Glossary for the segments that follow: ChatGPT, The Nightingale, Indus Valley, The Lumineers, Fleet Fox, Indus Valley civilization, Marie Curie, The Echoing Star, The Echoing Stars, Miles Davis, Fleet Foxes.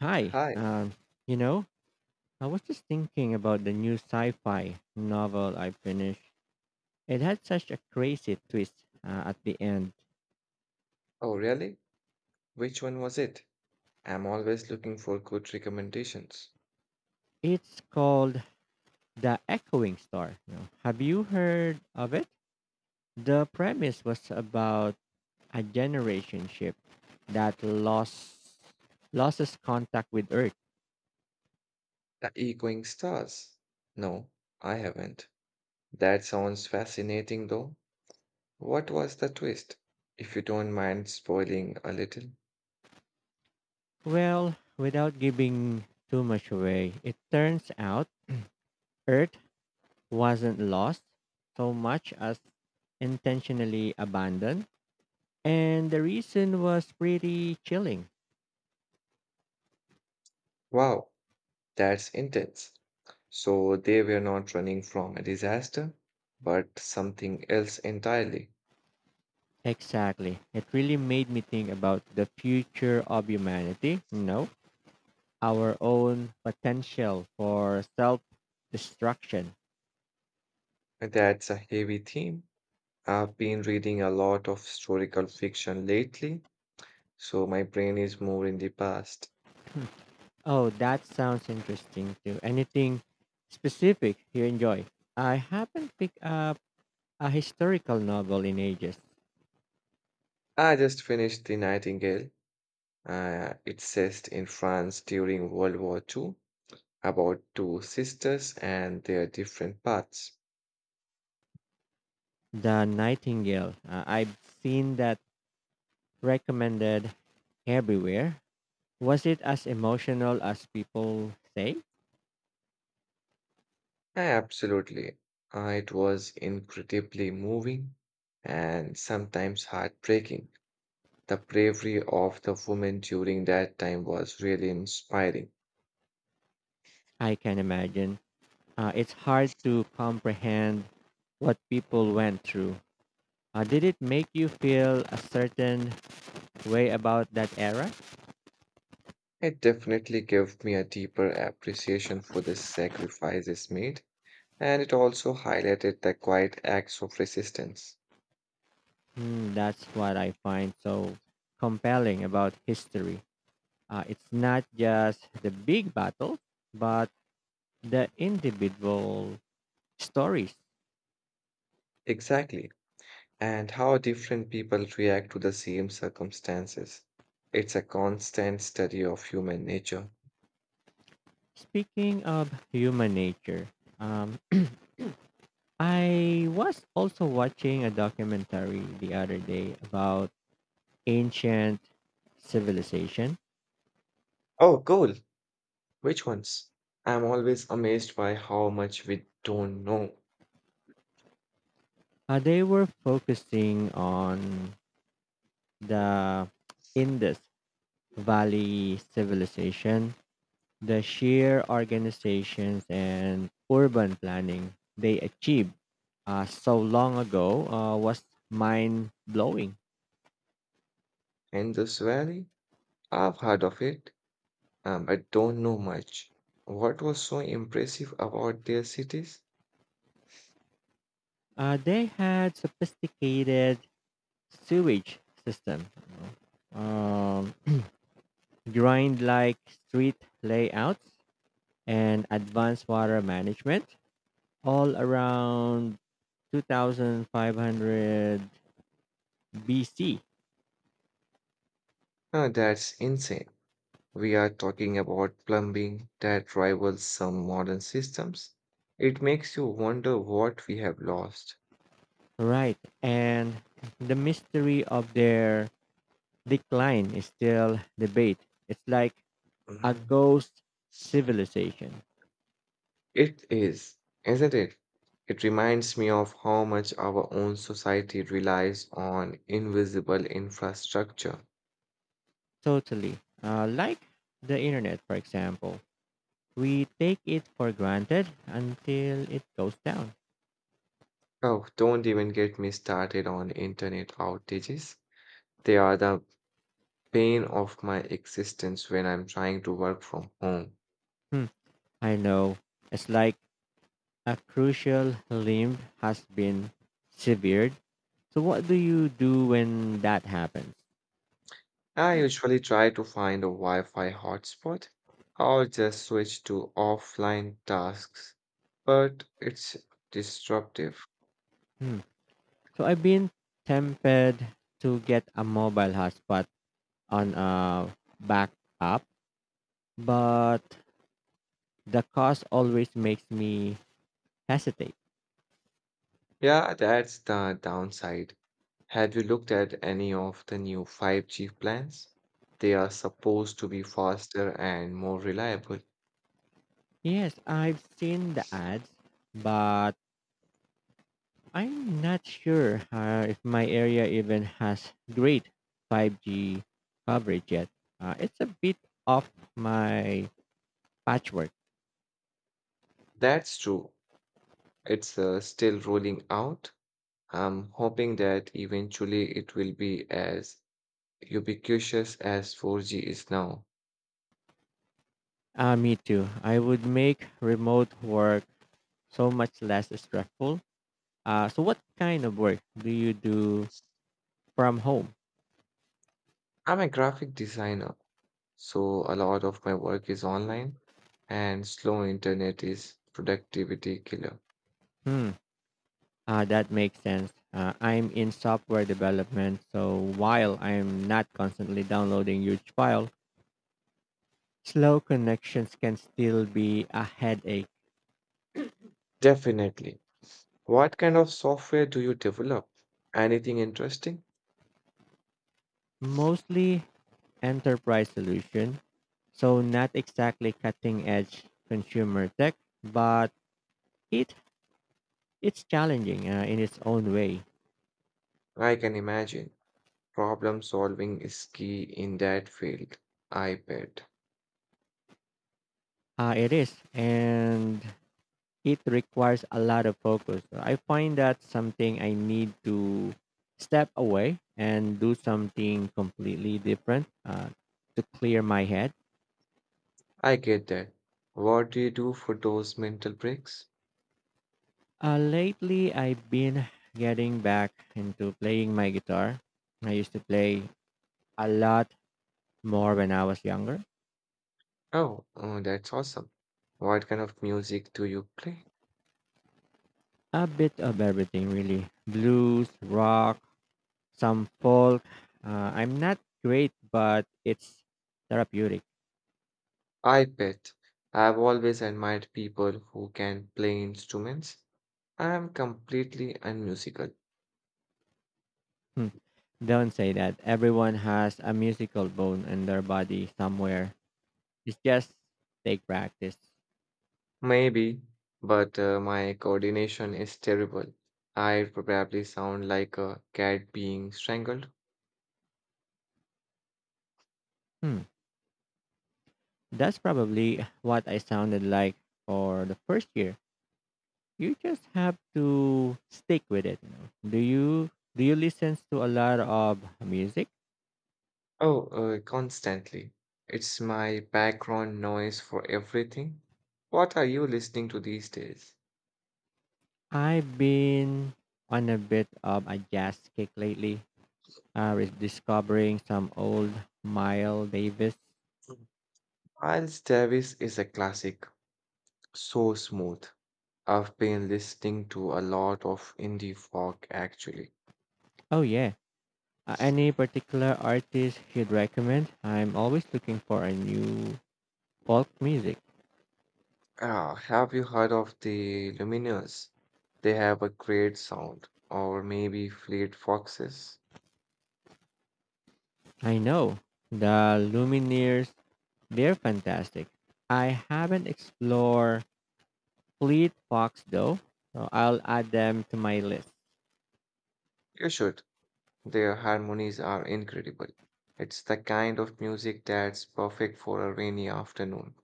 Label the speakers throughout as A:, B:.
A: Hi,
B: Hi.
A: um, you know, I was just thinking about the new sci fi novel I finished. It had such a crazy twist at the end.
B: Oh, really? Which one was it? I'm always looking for good recommendations.
A: It's called The Echoing Star. Have you heard of it? The premise was about a generation ship that lost loses contact with Earth.
B: The Echoing Stars? No, I haven't. That sounds fascinating, though. What was the twist? If you don't mind spoiling a little.
A: Well, without giving too much away, it turns out Earth wasn't lost so much as intentionally abandoned. And the reason was pretty chilling.
B: Wow, that's intense. So they were not running from a disaster, but something else entirely.
A: Exactly. It really made me think about the future of humanity, our own potential for self destruction.
B: That's a heavy theme. I've been reading a lot of historical fiction lately, so my brain is more in the past.
A: Oh, that sounds interesting too. Anything specific you enjoy? I haven't picked up a historical novel in ages.
B: I just finished The Nightingale. It's set in France during World War Two, about two sisters and their different paths.
A: The Nightingale. I've seen that recommended everywhere. Was it as emotional as people say?
B: Absolutely. It was incredibly moving and sometimes heartbreaking. The bravery of the women during that time was really inspiring.
A: I can imagine. It's hard to comprehend what people went through. Did it make you feel a certain way about that era?
B: It definitely gave me a deeper appreciation for the sacrifices made, and it also highlighted the quiet acts of resistance.
A: Hmm, that's what I find so compelling about history. It's not just the big battle, but the individual stories.
B: Exactly. And how different people react to the same circumstances. It's a constant study of human nature.
A: Speaking of human nature, um, I was also watching a documentary the other day about ancient civilization.
B: Oh, cool. Which ones? I'm always amazed by how much we don't know.
A: They were focusing on the Indus Valley civilization, the sheer organizations and urban planning they achieved so long ago was mind blowing.
B: Indus Valley? I've heard of it, but don't know much. What was so impressive about their cities?
A: They had sophisticated sewage system, know, um, grind like street layouts and advanced water management all around 2500 BC.
B: Ah, that's insane. We are talking about plumbing that rivals some modern systems. It makes you wonder what we have lost.
A: Right. And the mystery of their decline is still debate. It's like a
B: Mhm.
A: ghost civilization.
B: It is, isn't it? It reminds me of how much our own society relies on invisible infrastructure.
A: Totally. Like the internet, for example. We take it for granted until it goes down.
B: Oh, don't even get me started on internet outages. They are the pain of my existence when I'm trying to work from home.
A: Hmm, I know. It's like a crucial limb has been severed. So what do you do when that happens?
B: I usually try to find a Wi-Fi hotspot or just switch to offline tasks, but it's disruptive.
A: Hmm. So I've been tempted to get a mobile hotspot on a backup, but the cost always makes me hesitate.
B: Yeah, that's the downside. Have you looked at any of the new 5G plans? They are supposed to be faster and more reliable.
A: Yes, I've seen the ads, but I'm not sure if my area even has great 5G coverage yet. It's a bit off my Patchwork.
B: That's true. It's still rolling out. I'm hoping that eventually it will be as ubiquitous as 4G is now.
A: Me too. I would make remote work so much less stressful. So what kind of work do you do from home?
B: I'm a graphic designer, so a lot of my work is online, and slow internet is productivity killer.
A: Hmm. That makes sense. I'm in software development, so while I'm not constantly downloading huge file, slow connections can still be a headache.
B: Definitely. What kind of software do you develop? Anything interesting?
A: Mostly enterprise solution, so not exactly cutting edge consumer tech, but it it's challenging in its own way.
B: I can imagine. Problem solving is key in that field, I bet.
A: It is, and it requires a lot of focus. So I find that something I need to step away and do something completely different to clear my head.
B: I get that. What do you do for those mental breaks?
A: Lately, I've been getting back into playing my guitar. I used to play a lot more when I was younger.
B: Oh, oh, that's awesome. What kind of music do you play?
A: A bit of everything, really blues, rock, some folk. I'm not great, but it's therapeutic.
B: I bet I've always admired people who can play instruments. I am completely unmusical.
A: Hmm. Don't say that. Everyone has a musical bone in their body somewhere. It's just take practice.
B: Maybe, but my coordination is terrible. I probably sound like a cat being strangled.
A: Hmm. That's probably what I sounded like for the first year. You just have to stick with it. You know? Do you listen to a lot of music?
B: Oh, constantly. It's my background noise for everything. What are you listening to these days?
A: I've been on a bit of a jazz kick lately. Discovering some old Miles Davis.
B: Miles Davis is a classic, so smooth. I've been listening to a lot of indie folk actually.
A: Oh yeah, any particular artist you'd recommend? I'm always looking for a new folk music.
B: Ah, have you heard of the Lumineers? They have a great sound, or maybe Fleet Foxes.
A: I know the Lumineers, they're fantastic. I haven't explored Fleet Fox though, so I'll add them to my list.
B: You should. Their harmonies are incredible. It's the kind of music that's perfect for a rainy afternoon.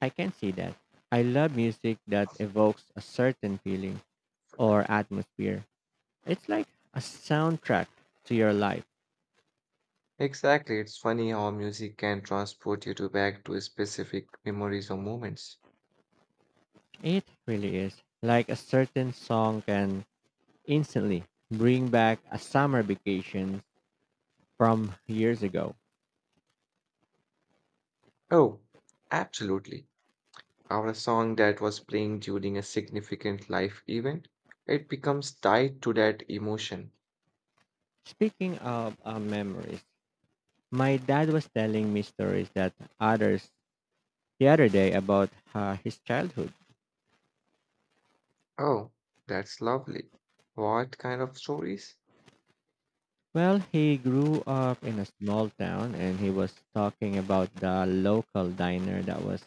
A: I can see that. I love music that evokes a certain feeling or atmosphere. It's like a soundtrack to your life.
B: Exactly, it's funny how music can transport you to back to specific memories or moments.
A: It really is. Like a certain song can instantly bring back a summer vacation from years ago.
B: Oh, absolutely. Our song that was playing during a significant life event, it becomes tied to that emotion.
A: Speaking of memories, my dad was telling me stories that others the other day about his childhood.
B: Oh, that's lovely. What kind of stories?
A: Well, he grew up in a small town and he was talking about the local diner that was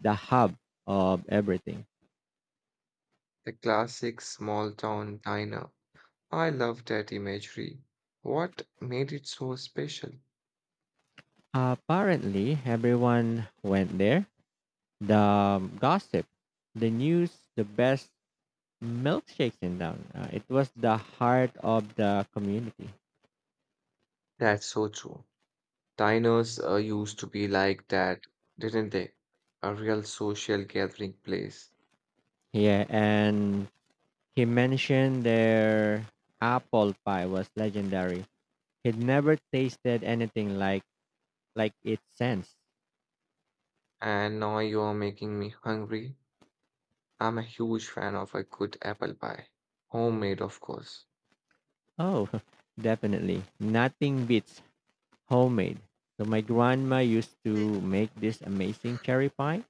A: the hub of everything.
B: The classic small town diner. I love that imagery. What made it so special?
A: Apparently, everyone went there. The gossip, the news, the best milkshakes in down. It was the heart of the community.
B: That's so true. Diners used to be like that, didn't they? A real social gathering place.
A: Yeah, and he mentioned their apple pie was legendary. He'd never tasted anything like it since.
B: And now you're making me hungry. I'm a huge fan of a good apple pie. Homemade, of course.
A: Oh, definitely. Nothing beats homemade. So my grandma used to make this amazing cherry pie.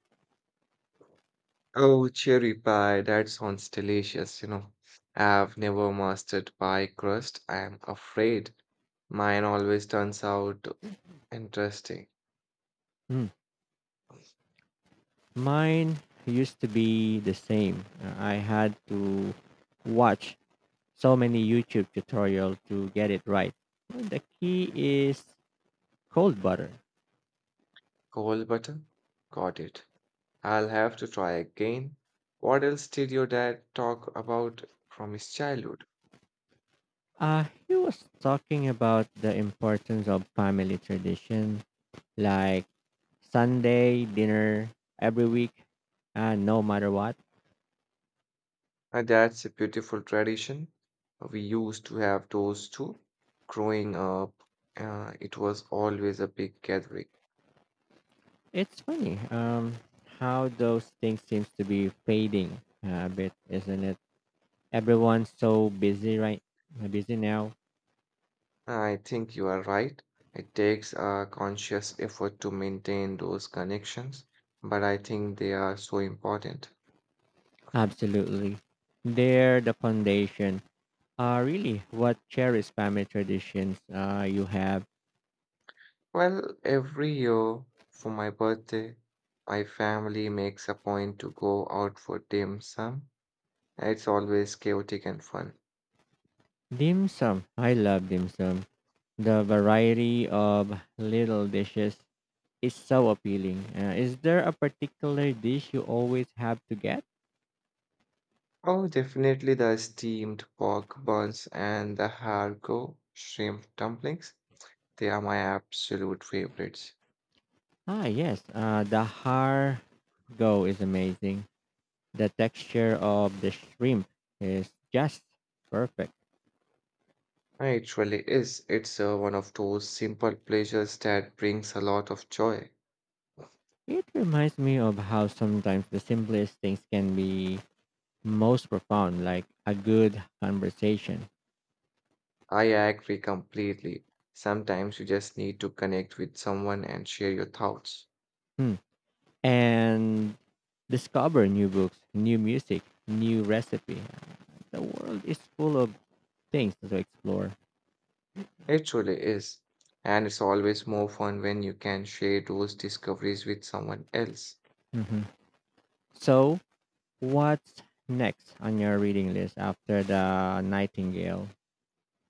B: Oh, cherry pie, that sounds delicious. I've never mastered pie crust, I am afraid. Mine always turns out interesting.
A: Mm. Mine used to be the same. I had to watch so many YouTube tutorial to get it right. Well, the key is cold butter.
B: Cold butter? Got it. I'll have to try again. What else did your dad talk about from his childhood?
A: He was talking about the importance of family tradition, like Sunday dinner every week, and no matter what.
B: And that's a beautiful tradition. We used to have those too. Growing up, it was always a big gathering.
A: It's funny how those things seems to be fading a bit, isn't it? Everyone's so busy now.
B: I think you are right. It takes a conscious effort to maintain those connections, but I think they are so important.
A: Absolutely. They're the foundation. Really, what cherished family traditions you have?
B: Well, every year for my birthday, my family makes a point to go out for dim sum. It's always chaotic and fun.
A: Dim sum. I love dim sum. The variety of little dishes is so appealing. Is there a particular dish you always have to get?
B: Oh, definitely the steamed pork buns and the Hargo shrimp dumplings. They are my absolute favorites.
A: Ah, yes. The har go is amazing. The texture of the shrimp is just perfect.
B: It really is. It's one of those simple pleasures that brings a lot of joy.
A: It reminds me of how sometimes the simplest things can be most profound, like a good conversation.
B: I agree completely. Sometimes you just need to connect with someone and share your thoughts.
A: Hmm. And discover new books, new music, new recipe. The world is full of things to explore.
B: It truly is. And it's always more fun when you can share those discoveries with someone else.
A: Hmm. So, what's next on your reading list after the Nightingale?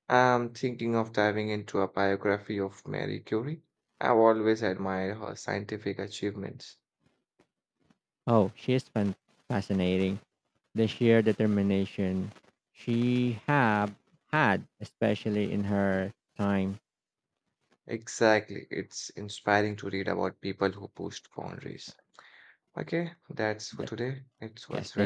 B: I'm thinking of diving into a biography of Marie Curie. I've always admired her scientific achievements.
A: Oh, fascinating. The sheer determination she have had, especially in her time.
B: Exactly. It's inspiring to read about people who pushed boundaries. Okay, that's for today. It
A: Yes,
B: was very
A: thank